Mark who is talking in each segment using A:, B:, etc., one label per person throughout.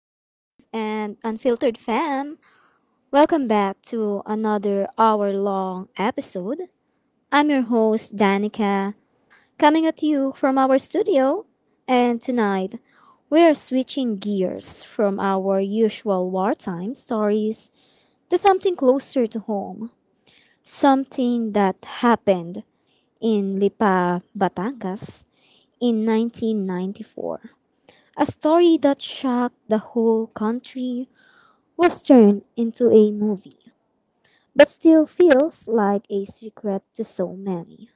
A: live and unfiltered fam. Welcome back to another hour long episode. I'm your host, Danica, coming at you from our studio. And tonight, we are switching gears from our usual wartime stories to something closer to home. Something that happened in Lipa, Batangas in 1994. A story that shocked the whole country was turned into a movie, but still feels like a secret to so many.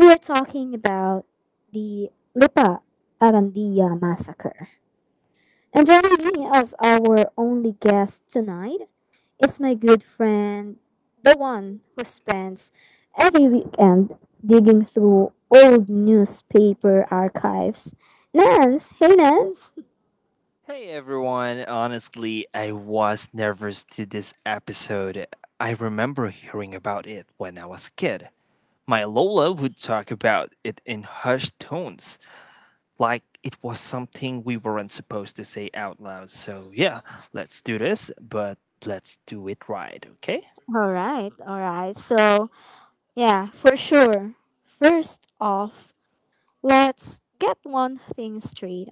A: We are talking about the Lipa Arandia massacre. And joining me as our only guest tonight is my good friend, the one who spends every weekend digging through old newspaper archives. Nance, hey Nance.
B: Hey everyone, honestly, I was nervous to this episode. I remember hearing about it when I was a kid. My Lola would talk about it in hushed tones, like it was something we weren't supposed to say out loud. So, yeah, let's do this, but let's do it right, okay?
A: All right, all right. So yeah, for sure. First off, let's get one thing straight.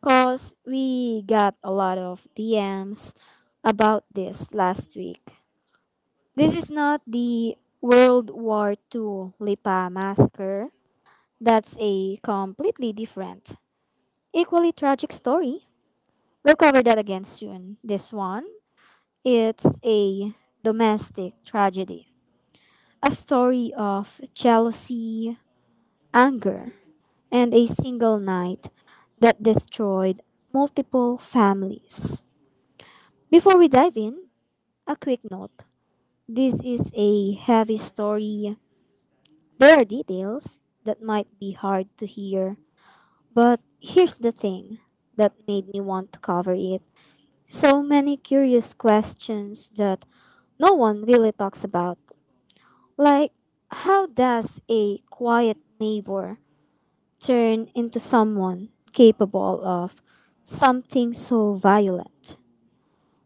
A: Because we got a lot of DMs about this last week. This is not the World War Two Lipa massacre. That's a completely different, equally tragic story. We'll cover that again soon. This one, it's a domestic tragedy, a story of jealousy, anger, and a single night that destroyed multiple families. Before we dive in, a quick note. This is a heavy story. There are details that might be hard to hear, but here's the thing that made me want to cover it. So many curious questions that no one really talks about. Like, how does a quiet neighbor turn into someone capable of something so violent?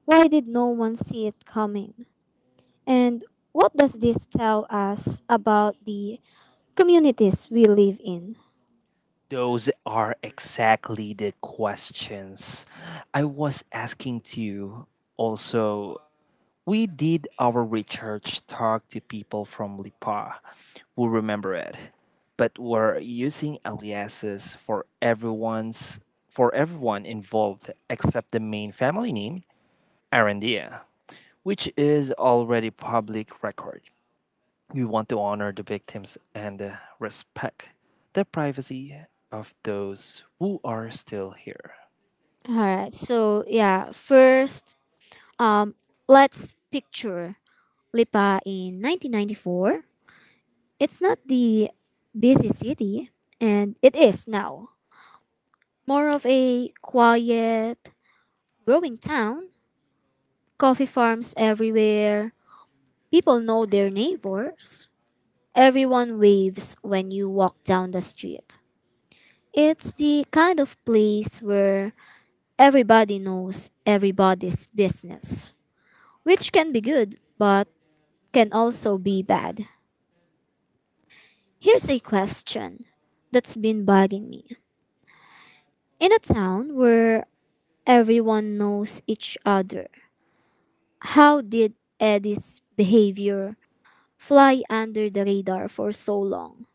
A: Why did no one see it coming? And what does this tell us about the communities we live in?
B: Those are exactly the questions I was asking to you. Also, we did our research, talked to people from Lipa who remember it, but we're using aliases for everyone's for everyone involved except the main family name, Arandia, which is already public record. We want to honor the victims and respect the privacy of those who are still here.
A: All right, so yeah, first, um, let's picture Lipa in 1994. It's not the busy city, and it is now. More of a quiet, growing town, coffee farms everywhere. People know their neighbors. Everyone waves when you walk down the street. It's the kind of place where everybody knows everybody's business, which can be good, but can also be bad. Here's a question that's been bugging me. In a town where everyone knows each other, how did Eddie's behavior fly under the radar for so long?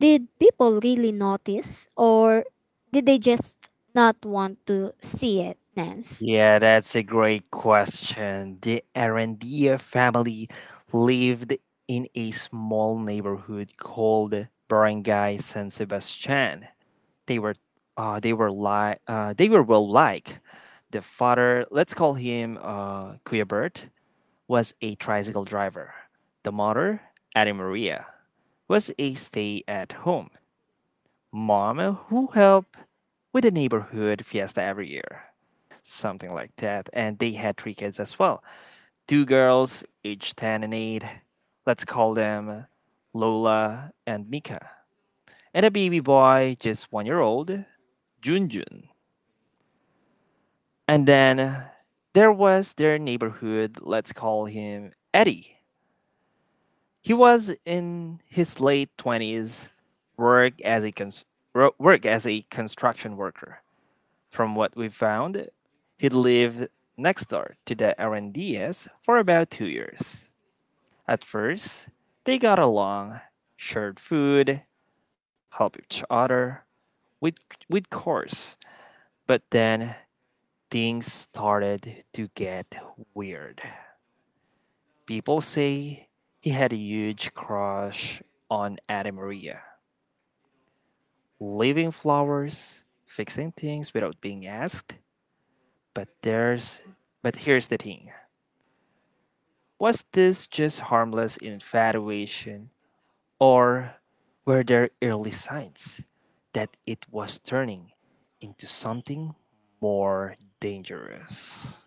A: Did people really notice or did they just not want to see it, Nance?
B: Yeah, that's a great question. The Arandia family lived in a small neighborhood called Barangay San Sebastian. They were they were li- they were well liked. The father, let's call him Kuya Bert, was a tricycle driver. The mother, Anna Maria, was a stay at home mom who help with the neighborhood fiesta every year, something like that. And they had 3 kids as well, two girls, age 10 and 8. Let's call them Lola and Mika, and a baby boy, just 1 year old, Junjun. And then there was their neighborhood, let's call him Eddie. He was in his late 20s, work as a cons- work as a construction worker. From what we found, he lived next door to the Arandias for about 2 years. At first, they got along, shared food, helped each other with, with chores. But then things started to get weird. People say he had a huge crush on Anna Maria, leaving flowers, fixing things without being asked. But there's but here's the thing. Was this just harmless infatuation, or were there early signs that it was turning into something more dangerous?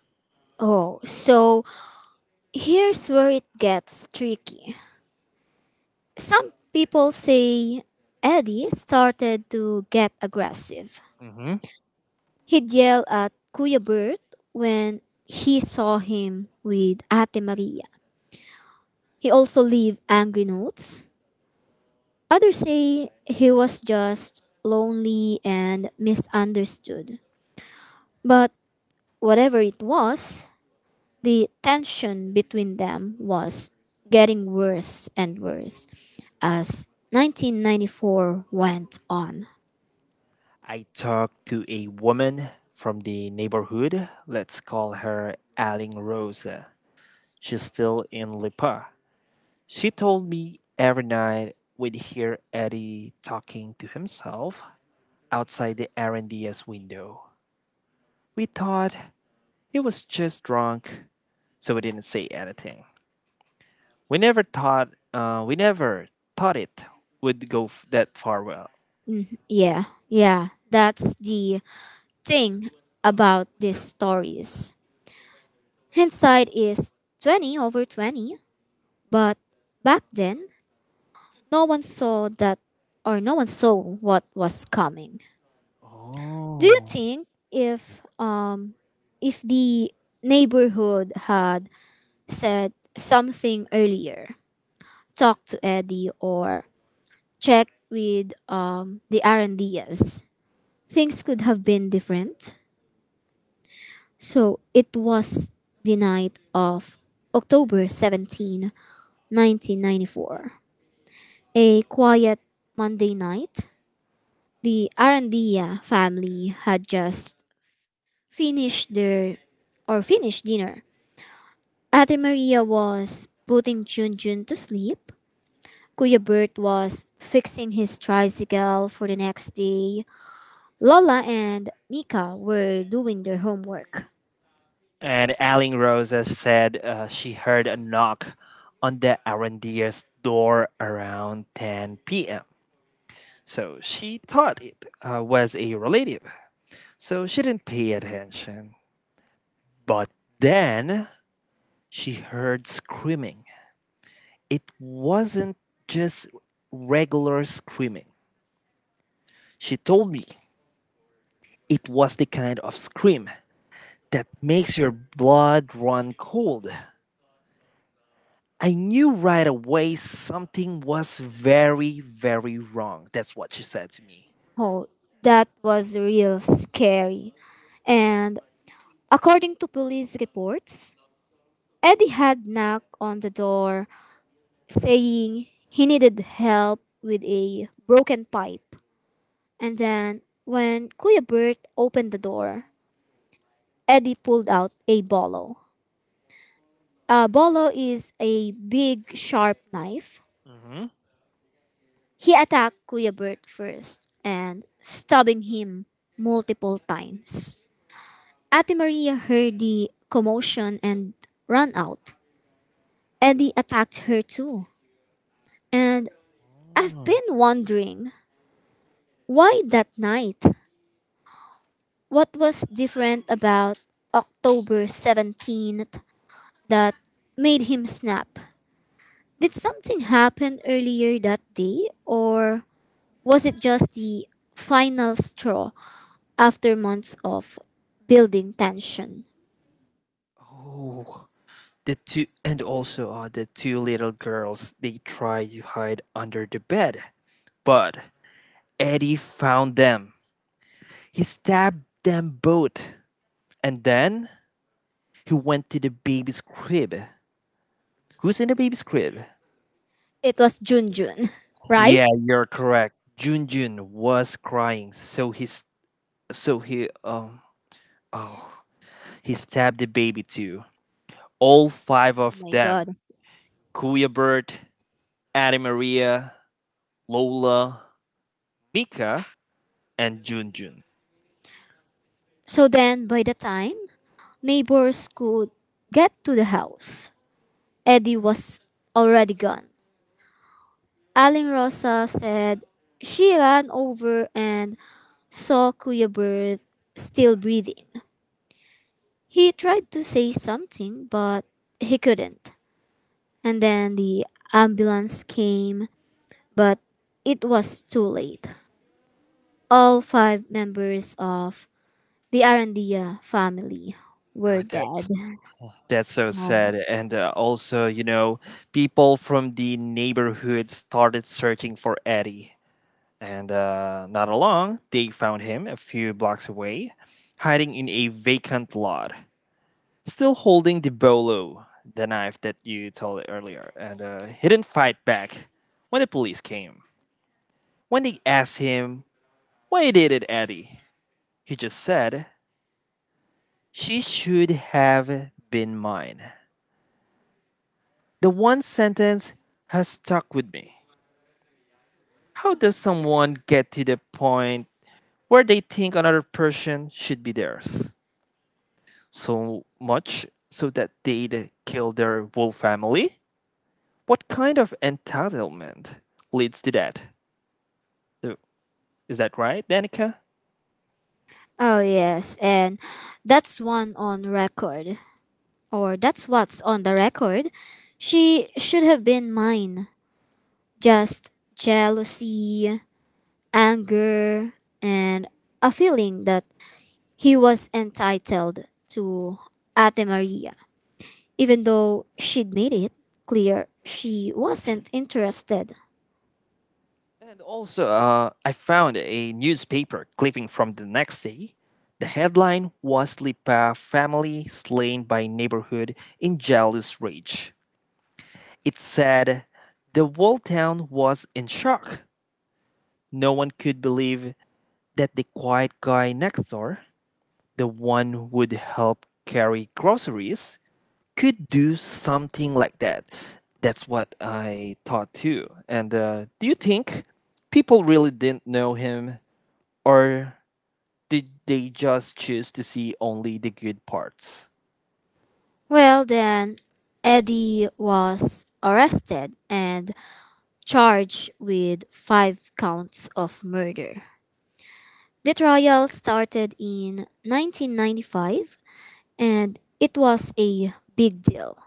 A: Oh, so here's where it gets tricky. Some people say Eddie started to get aggressive.
B: Hmm
A: He'd yell at Kuya Bert when he saw him with Ate Maria. He also leave angry notes. Others say he was just lonely and misunderstood. But whatever it was, the tension between them was getting worse and worse as 1994 went on.
B: I talked to a woman from the neighborhood. Let's call her Aling Rosa. She's still in Lipa. She told me every night we'd hear Eddie talking to himself outside the R&DS window. We thought he was just drunk, so we didn't say anything. We never thought it would that far well.
A: Yeah, yeah, that's the thing about these stories. Hindsight is 20 over 20, but back then, no one saw that or no one saw what was coming. Do you
B: Oh.
A: think if the neighborhood had said something earlier, talk to Eddie or check with the Arandias, things could have been different. So it was the night of October 17, 1994. A quiet Monday night. The Arandia family had just finished their or finished dinner. Ate Maria was putting Junjun to sleep. Kuya Bert was fixing his tricycle for the next day. Lola and Mika were doing their homework.
B: And Aling Rosa said she heard a knock on the Arendier's door around 10 p.m. So she thought it was a relative. So she didn't pay attention. But then she heard screaming. It wasn't just regular screaming. She told me it was the kind of scream that makes your blood run cold. I knew right away something was very, very wrong. That's what she said to me.
A: Oh, that was real scary. And according to police reports, Eddie had knocked on the door saying he needed help with a broken pipe. And then when Kuya Bert opened the door, Eddie pulled out a bolo. A bolo is a big sharp knife.
B: Hmm
A: He attacked Kuya Bert first and stabbing him multiple times. Ate Maria heard the commotion and ran out. Eddie attacked her too. And I've
B: Oh.
A: been wondering, why that night? What was different about October 17th that made him snap? Did something happen earlier that day or was it just the final straw after months of building tension.
B: Oh, the two little girls, they tried to hide under the bed, but Eddie found them. He stabbed them both, and then he went to the baby's crib. Who's in the baby's crib?
A: It was Junjun, right?
B: Yeah, you're correct. Junjun was crying, so he stabbed the baby too. All 5
A: Oh
B: of
A: my
B: them:
A: god.
B: Kuya Bird, Anna Maria, Lola, Mika, and Junjun.
A: So then, by the time neighbors could get to the house, Eddie was already gone. Aling Rosa said she ran over and saw Kuya Bert still breathing. He tried to say something, but he couldn't. And then the ambulance came, but it was too late. All five members of the Arandia family
B: Oh,
A: were dead.
B: that's so
A: Um,
B: sad. And also, you know, people from the neighborhood started searching for Eddie, and not long they found him a few blocks away, hiding in a vacant lot, still holding the bolo, the knife that you told earlier, and he didn't fight back when the police came. When they asked him, why did it, Eddie? He just said, she should have been mine. The one sentence has stuck with me. How does someone get to the point where they think another person should be theirs so much so that they'd kill their whole family? What kind of entitlement leads to that? Is that right, Danica?
A: Oh yes, and that's one on record, that's what's on the record. She should have been mine. Just jealousy, anger, and a feeling that he was entitled to Ate Maria, even though she'd made it clear she wasn't interested.
B: And also, I found a newspaper clipping from the next day. The headline was Lipa family slain by neighborhood in jealous rage. It said, the whole town was in shock. No one could believe that the quiet guy next door, the one who'd help carry groceries, could do something like that. That's what I thought too. And do you think people really didn't know him, or did they just choose to see only the good parts?
A: Well, then, Eddie was arrested and charged with five counts of murder. The trial started in 1995 and it was a big deal.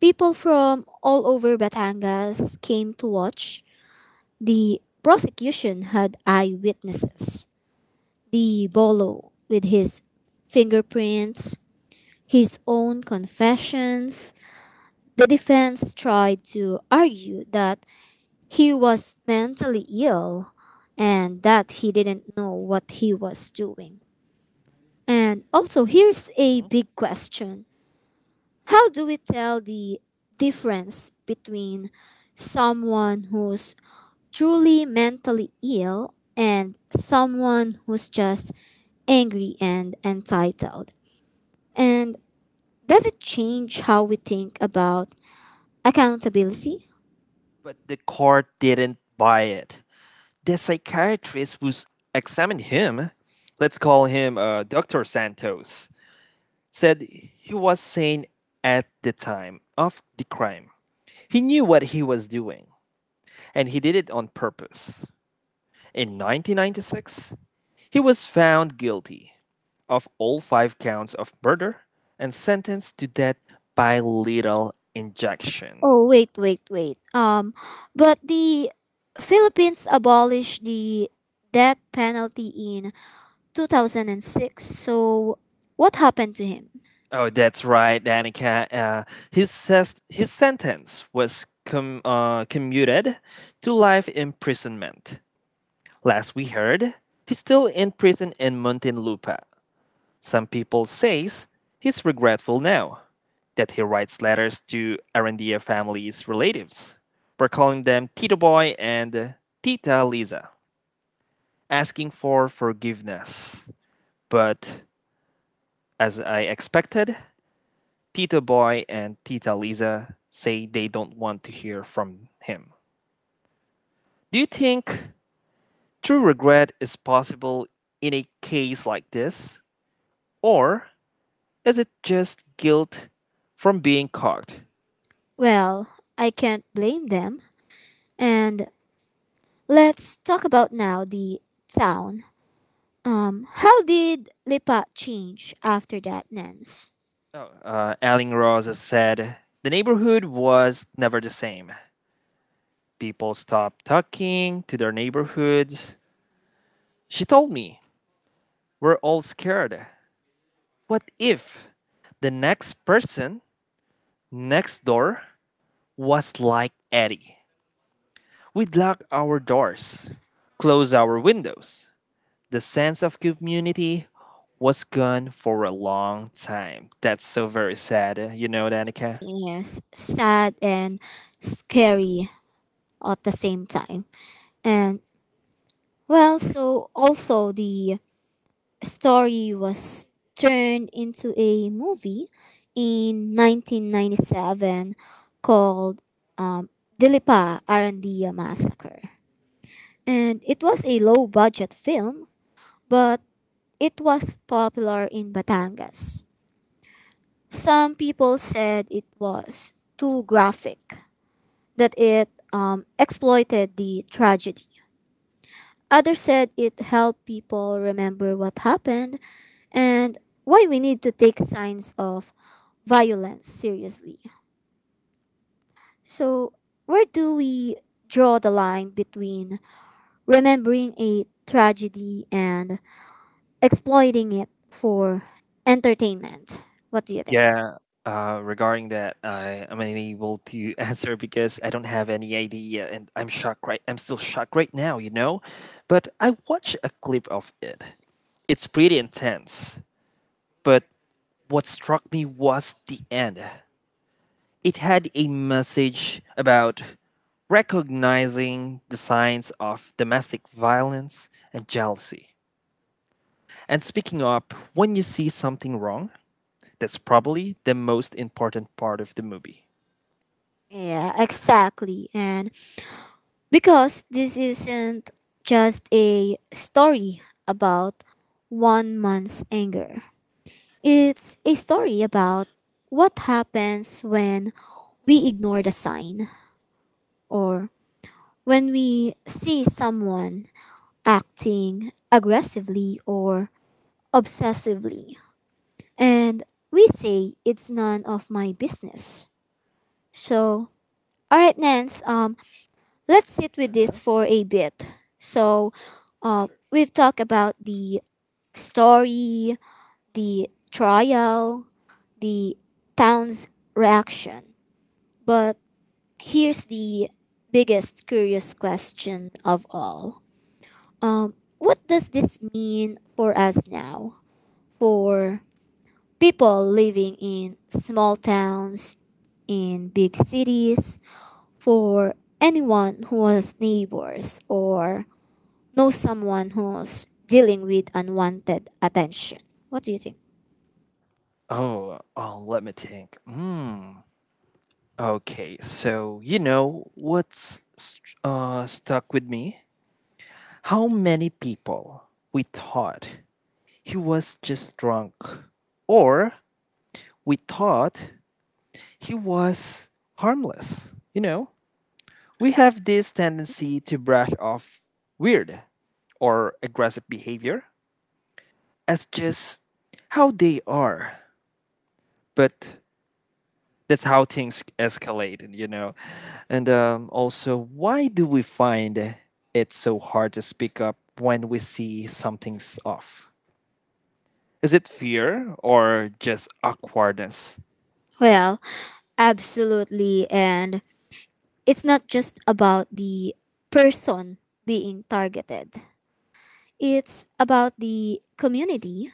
A: People from all over Batangas came to watch. The prosecution had eyewitnesses. The bolo with his fingerprints, his own confessions. The defense tried to argue that he was mentally ill and that he didn't know what he was doing. And also, here's a
B: Mhm.
A: big question. How do we tell the difference between someone who's truly mentally ill and someone who's just angry and entitled? And does it change how we think about accountability?
B: But the court didn't buy it. The psychiatrist who examined him, let's call him Dr. Santos, said he was sane at the time of the crime. He knew what he was doing, and he did it on purpose. In 1996, he was found guilty of all 5 counts of murder and sentenced to death by lethal injection.
A: Oh wait, wait, wait. But the Philippines abolished the death penalty in 2006. So what happened to him?
B: Oh, that's right, Danica. His sentence was commuted to life imprisonment. Last we heard, he's still in prison in Muntinlupa. Some people says he's regretful now that he writes letters to Arandia family's relatives. We're calling them Tito Boy and Tita Lisa, asking for forgiveness. But as I expected, Tito Boy and Tita Lisa say they don't want to hear from him. Do you think true regret is possible in a case like this? Or is it just guilt from being caught?
A: Well, I can't blame them. And let's talk about now the town. How did Lipa change after that, Nance?
B: Oh, Aling Ross has said the neighborhood was never the same. People stopped talking to their neighborhoods. She told me we're all scared. What if the next person next door was like Eddie? We'd lock our doors, close our windows. The sense of community was gone for a long time. That's so very sad. You know, Danica?
A: Yes, sad and scary at the same time. And well, so also the story was turned into a movie in 1997 called um, Dilipa Arandia Massacre. And it was a low budget film, but it was popular in Batangas. Some people said it was too graphic, that it exploited the tragedy. Others said it helped people remember what happened and why we need to take signs of violence seriously. So, where do we draw the line between remembering a tragedy and exploiting it for entertainment? What do you think?
B: Yeah. Regarding that, I am unable to answer because I don't have any idea, and I'm shocked. Right, I'm still shocked right now. You know, but I watched a clip of it. It's pretty intense. But what struck me was the end. It had a message about recognizing the signs of domestic violence and jealousy and speaking up when you see something wrong. That's probably the most important part of the movie.
A: Yeah, exactly. And because this isn't just a story about one man's anger, it's a story about what happens when we ignore the sign or when we see someone acting aggressively or obsessively. And we say it's none of my business. So, all right, Nance, let's sit with
B: Uh-huh.
A: this for a bit. So, we've talked about the story, the trial, the town's reaction. But here's the biggest curious question of all. What does this mean for us now? For people living in small towns, in big cities, for anyone who has neighbors or knows someone who's dealing with unwanted attention. What do you think?
B: Oh, Let me think. Hmm. Okay, so you know what's st- stuck with me? How many people, we thought he was just drunk, or we thought he was harmless? You know, we have this tendency to brush off weird or aggressive behavior as just how they are, but that's how things escalate, you know. And also, why do we find it so hard to speak up when we see something's off? Is it fear or just awkwardness?
A: Well, absolutely. And it's not just about the person being targeted, it's about the community.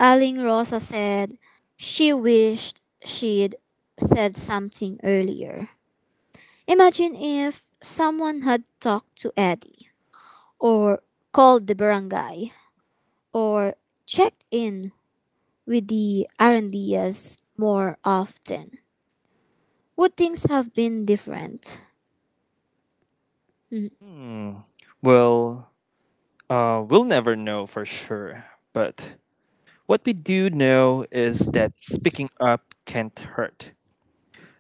A: Aling Rosa said she wished she'd said something earlier. Imagine if someone had talked to Eddie, or called the barangay, or checked in with the Arandias more often. Would things have been different? Mm.
B: Hmm. Well, we'll never know for sure. But what we do know is that speaking up can't hurt.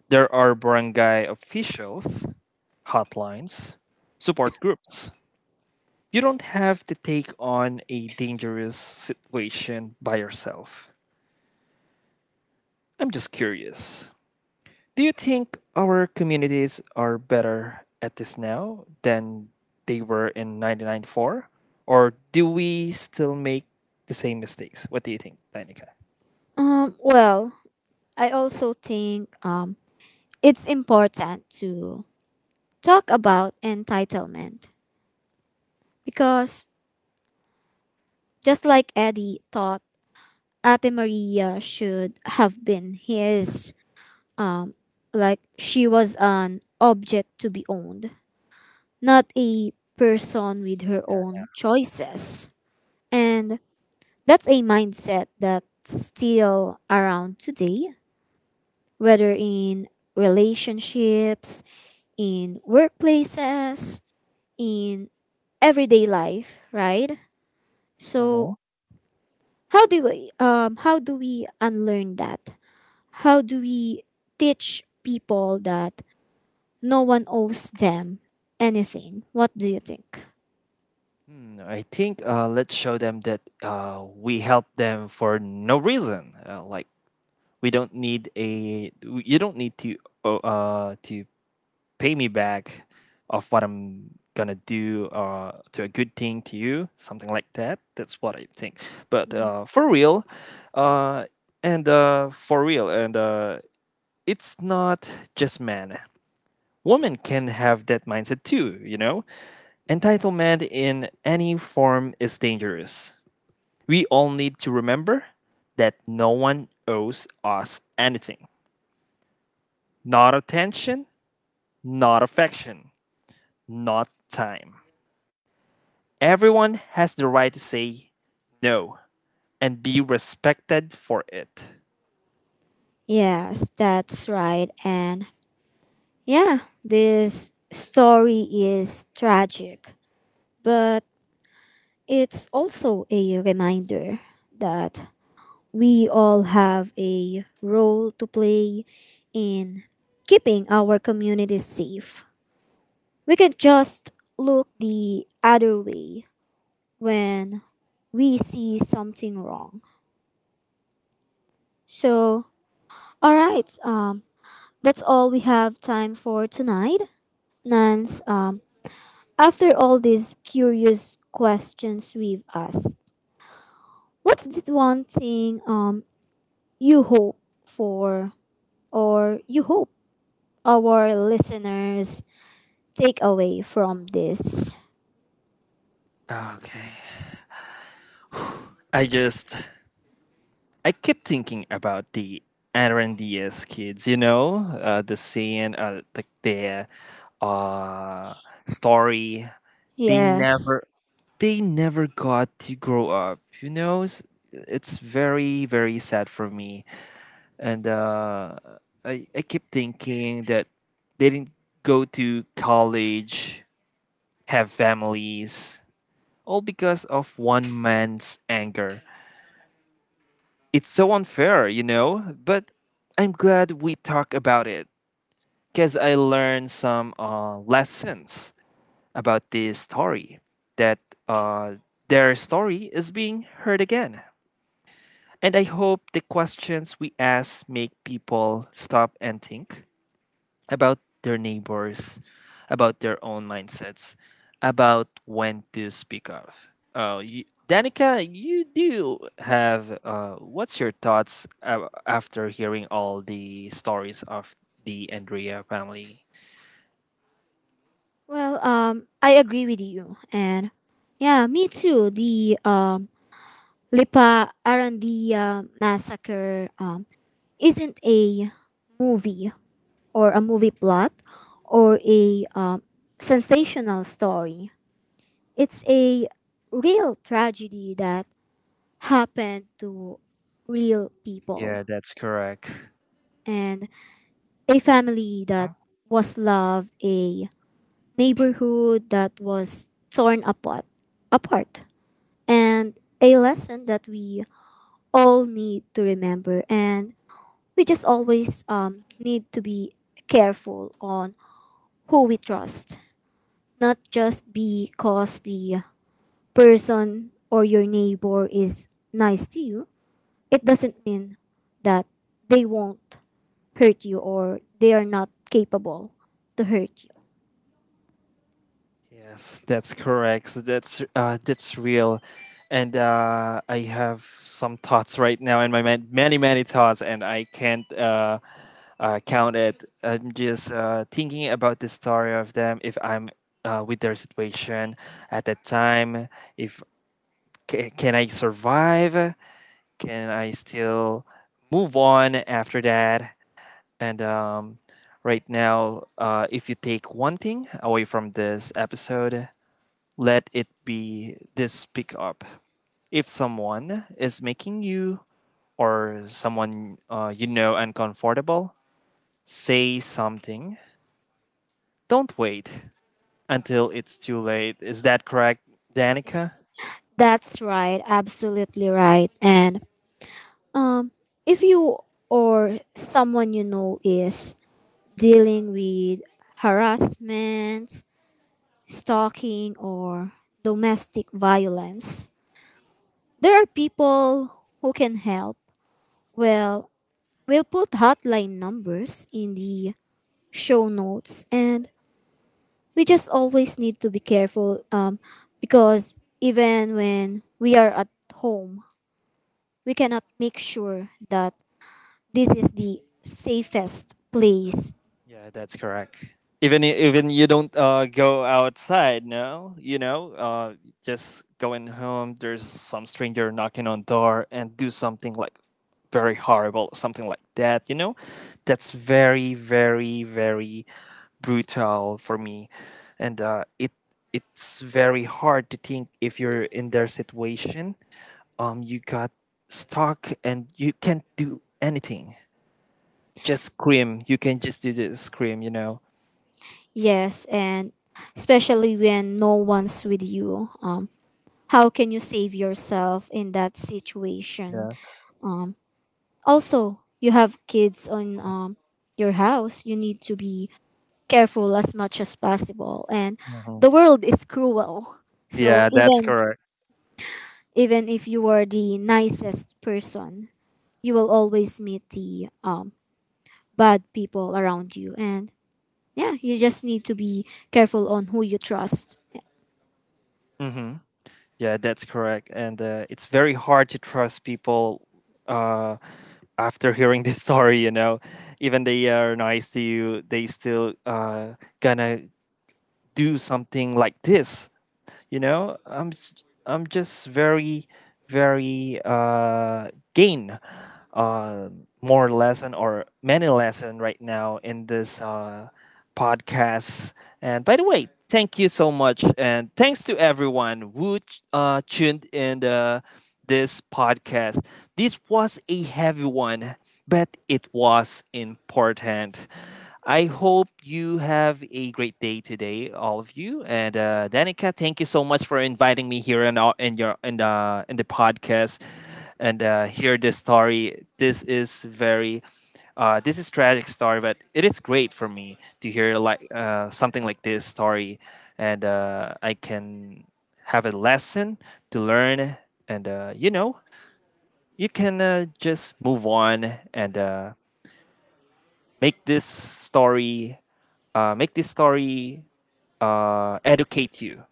B: There are barangay officials, hotlines, support groups. You don't have to take on a dangerous situation by yourself. I'm just curious. Do you think our communities are better at this now than they were in 1994? Or do we still make the same mistakes? What do you think, Danica?
A: Well, I also think it's important to talk about entitlement. Because just like Eddie thought Ate Maria should have been his, um, like she was an object to be owned, not a person with her
B: Yeah.
A: own choices.
B: Mhm.
A: And that's a mindset that's still around today, whether in relationships, in workplaces, in everyday life, right?
B: Uh-huh.
A: So how do we unlearn that? How do we teach people that no one owes them anything? What do you think?
B: Hmm, I think let's show them that we help them for no reason. Like we don't need you don't need to pay me back of what I'm gonna do to a good thing to you, something like that. That's what I think. But
A: Mhm.
B: for real, uh, and for real, and it's not just men. Women can have that mindset too, you know? Entitlement in any form is dangerous. We all need to remember that no one owes us anything. Not attention, not affection, not time. Everyone has the right to say no and be respected for it.
A: Yes, that's right. And yeah, this story is tragic, but it's also a reminder that we all have a role to play in keeping our communities safe. We can just look the other way when we see something wrong. So, all right, that's all we have time for tonight. Nance, after all these curious questions we've asked, what's the one thing you hope for or you hope our listeners take away from this?
B: Okay. I just I keep thinking about the Aaron Diaz kids, you know, the uh, story. They
A: Yes.
B: never, they never got to grow up, you know. It's very, very sad for me. And I keep thinking that they didn't go to college, have families, all because of one man's anger. It's so unfair, you know. But I'm glad we talk about it, because I learned some lessons about this story, that uh, their story is being heard again. And I hope the questions we ask make people stop and think about their neighbors, about their own mindsets, about when to speak up. Oh, you, Danica, you do have. What's your thoughts after hearing all the stories of the Andrea family?
A: Well, I agree with you, and yeah, me too. The Lipa Arandia massacre isn't a movie or a movie plot or a sensational story. It's a real tragedy that happened to real people
B: Yeah, that's correct.
A: and a family that was loved, a neighborhood that was torn apart. Apart and a lesson that we all need to remember and we just always need to be careful on who we trust. Not just because the person or your neighbor is nice to you it doesn't mean that they won't hurt you or they are not capable to hurt you.
B: Yes, that's correct. So that's real, and I have some thoughts right now in my mind, many many thoughts, and I can't count it. I'm just thinking about the story of them. If I'm with their situation at that time, if can I survive? Can I still move on after that? And right now, if you take one thing away from this episode, let it be this pickup. If someone is making you or someone you know uncomfortable, say something. Don't wait until it's too late. Is that correct, Danica?
A: It's- that's right, absolutely right. And um if you or someone you know is dealing with harassment, stalking, or domestic violence. There are people who can help. Well, we'll put hotline numbers in the show notes, and we just always need to be careful because even when we are at home, we cannot make sure that this is the safest place.
B: Yeah, that's correct. Even even you don't go outside, no, you know, just going home. There's some stranger knocking on door and do something like, very horrible or something like that, you know. That's very, very, very brutal for me. And it's very hard to think if you're in their situation. Um, you got stuck and you can't do anything. Just scream, you can just do the scream, you know.
A: Yes, and especially when no one's with you. How can you save yourself in that situation?
B: Yeah.
A: Um, also, you have kids on your house. You need to be careful as much as possible. And
B: Mhm.
A: the world is cruel. So
B: Yeah, that's
A: even
B: correct.
A: even if you are the nicest person, you will always meet the bad people around you. And yeah, you just need to be careful on who you trust.
B: Hmm Yeah, that's correct. And it's very hard to trust people uh, after hearing this story, you know. Even they are nice to you, they still gonna do something like this. You know, I'm just very, very gain uh more lesson or many lesson right now in this podcast. And by the way, thank you so much and thanks to everyone who tuned in the this podcast. This was a heavy one, but it was important. I hope you have a great day today, all of you. And Danica, thank you so much for inviting me here in the in the podcast and hear this story. This is very this is tragic story, but it is great for me to hear like something like this story, and I can have a lesson to learn, and you know you can just move on and make this story make this story educate you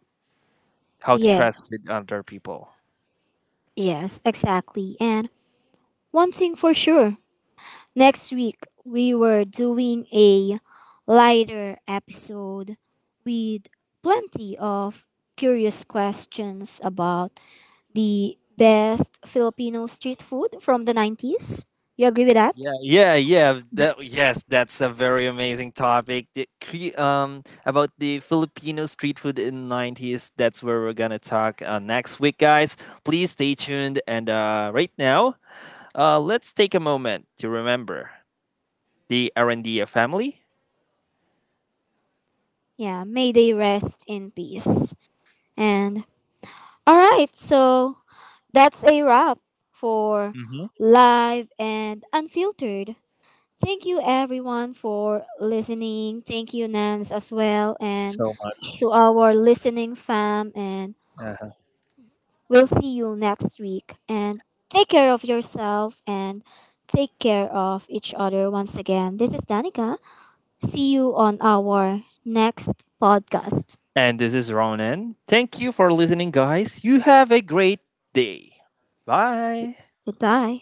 B: how to
A: Yeah.
B: trust with other people.
A: Yes, exactly. And one thing for sure, next week we were doing a lighter episode with plenty of curious questions about the best Filipino street food from the 90s. You agree with that?
B: Yeah. Yes, that's a very amazing topic. About the Filipino street food in the 90s. That's where we're gonna talk next week, guys. Please stay tuned. And right now, let's take a moment to remember the Arandia family.
A: Yeah, may they rest in peace. And all right, so that's a wrap for
B: Mm-hmm.
A: live and unfiltered. Thank you everyone for listening. Thank you Nance as well
B: Thank you
A: and
B: so much.
A: to our listening fam and
B: Uh,
A: we'll see you next week and take care of yourself and take care of each other. Once again, this is Danica. See you on our next podcast.
B: And this is Ronan. Thank you for listening, guys. You have a great day. Bye.
A: Goodbye.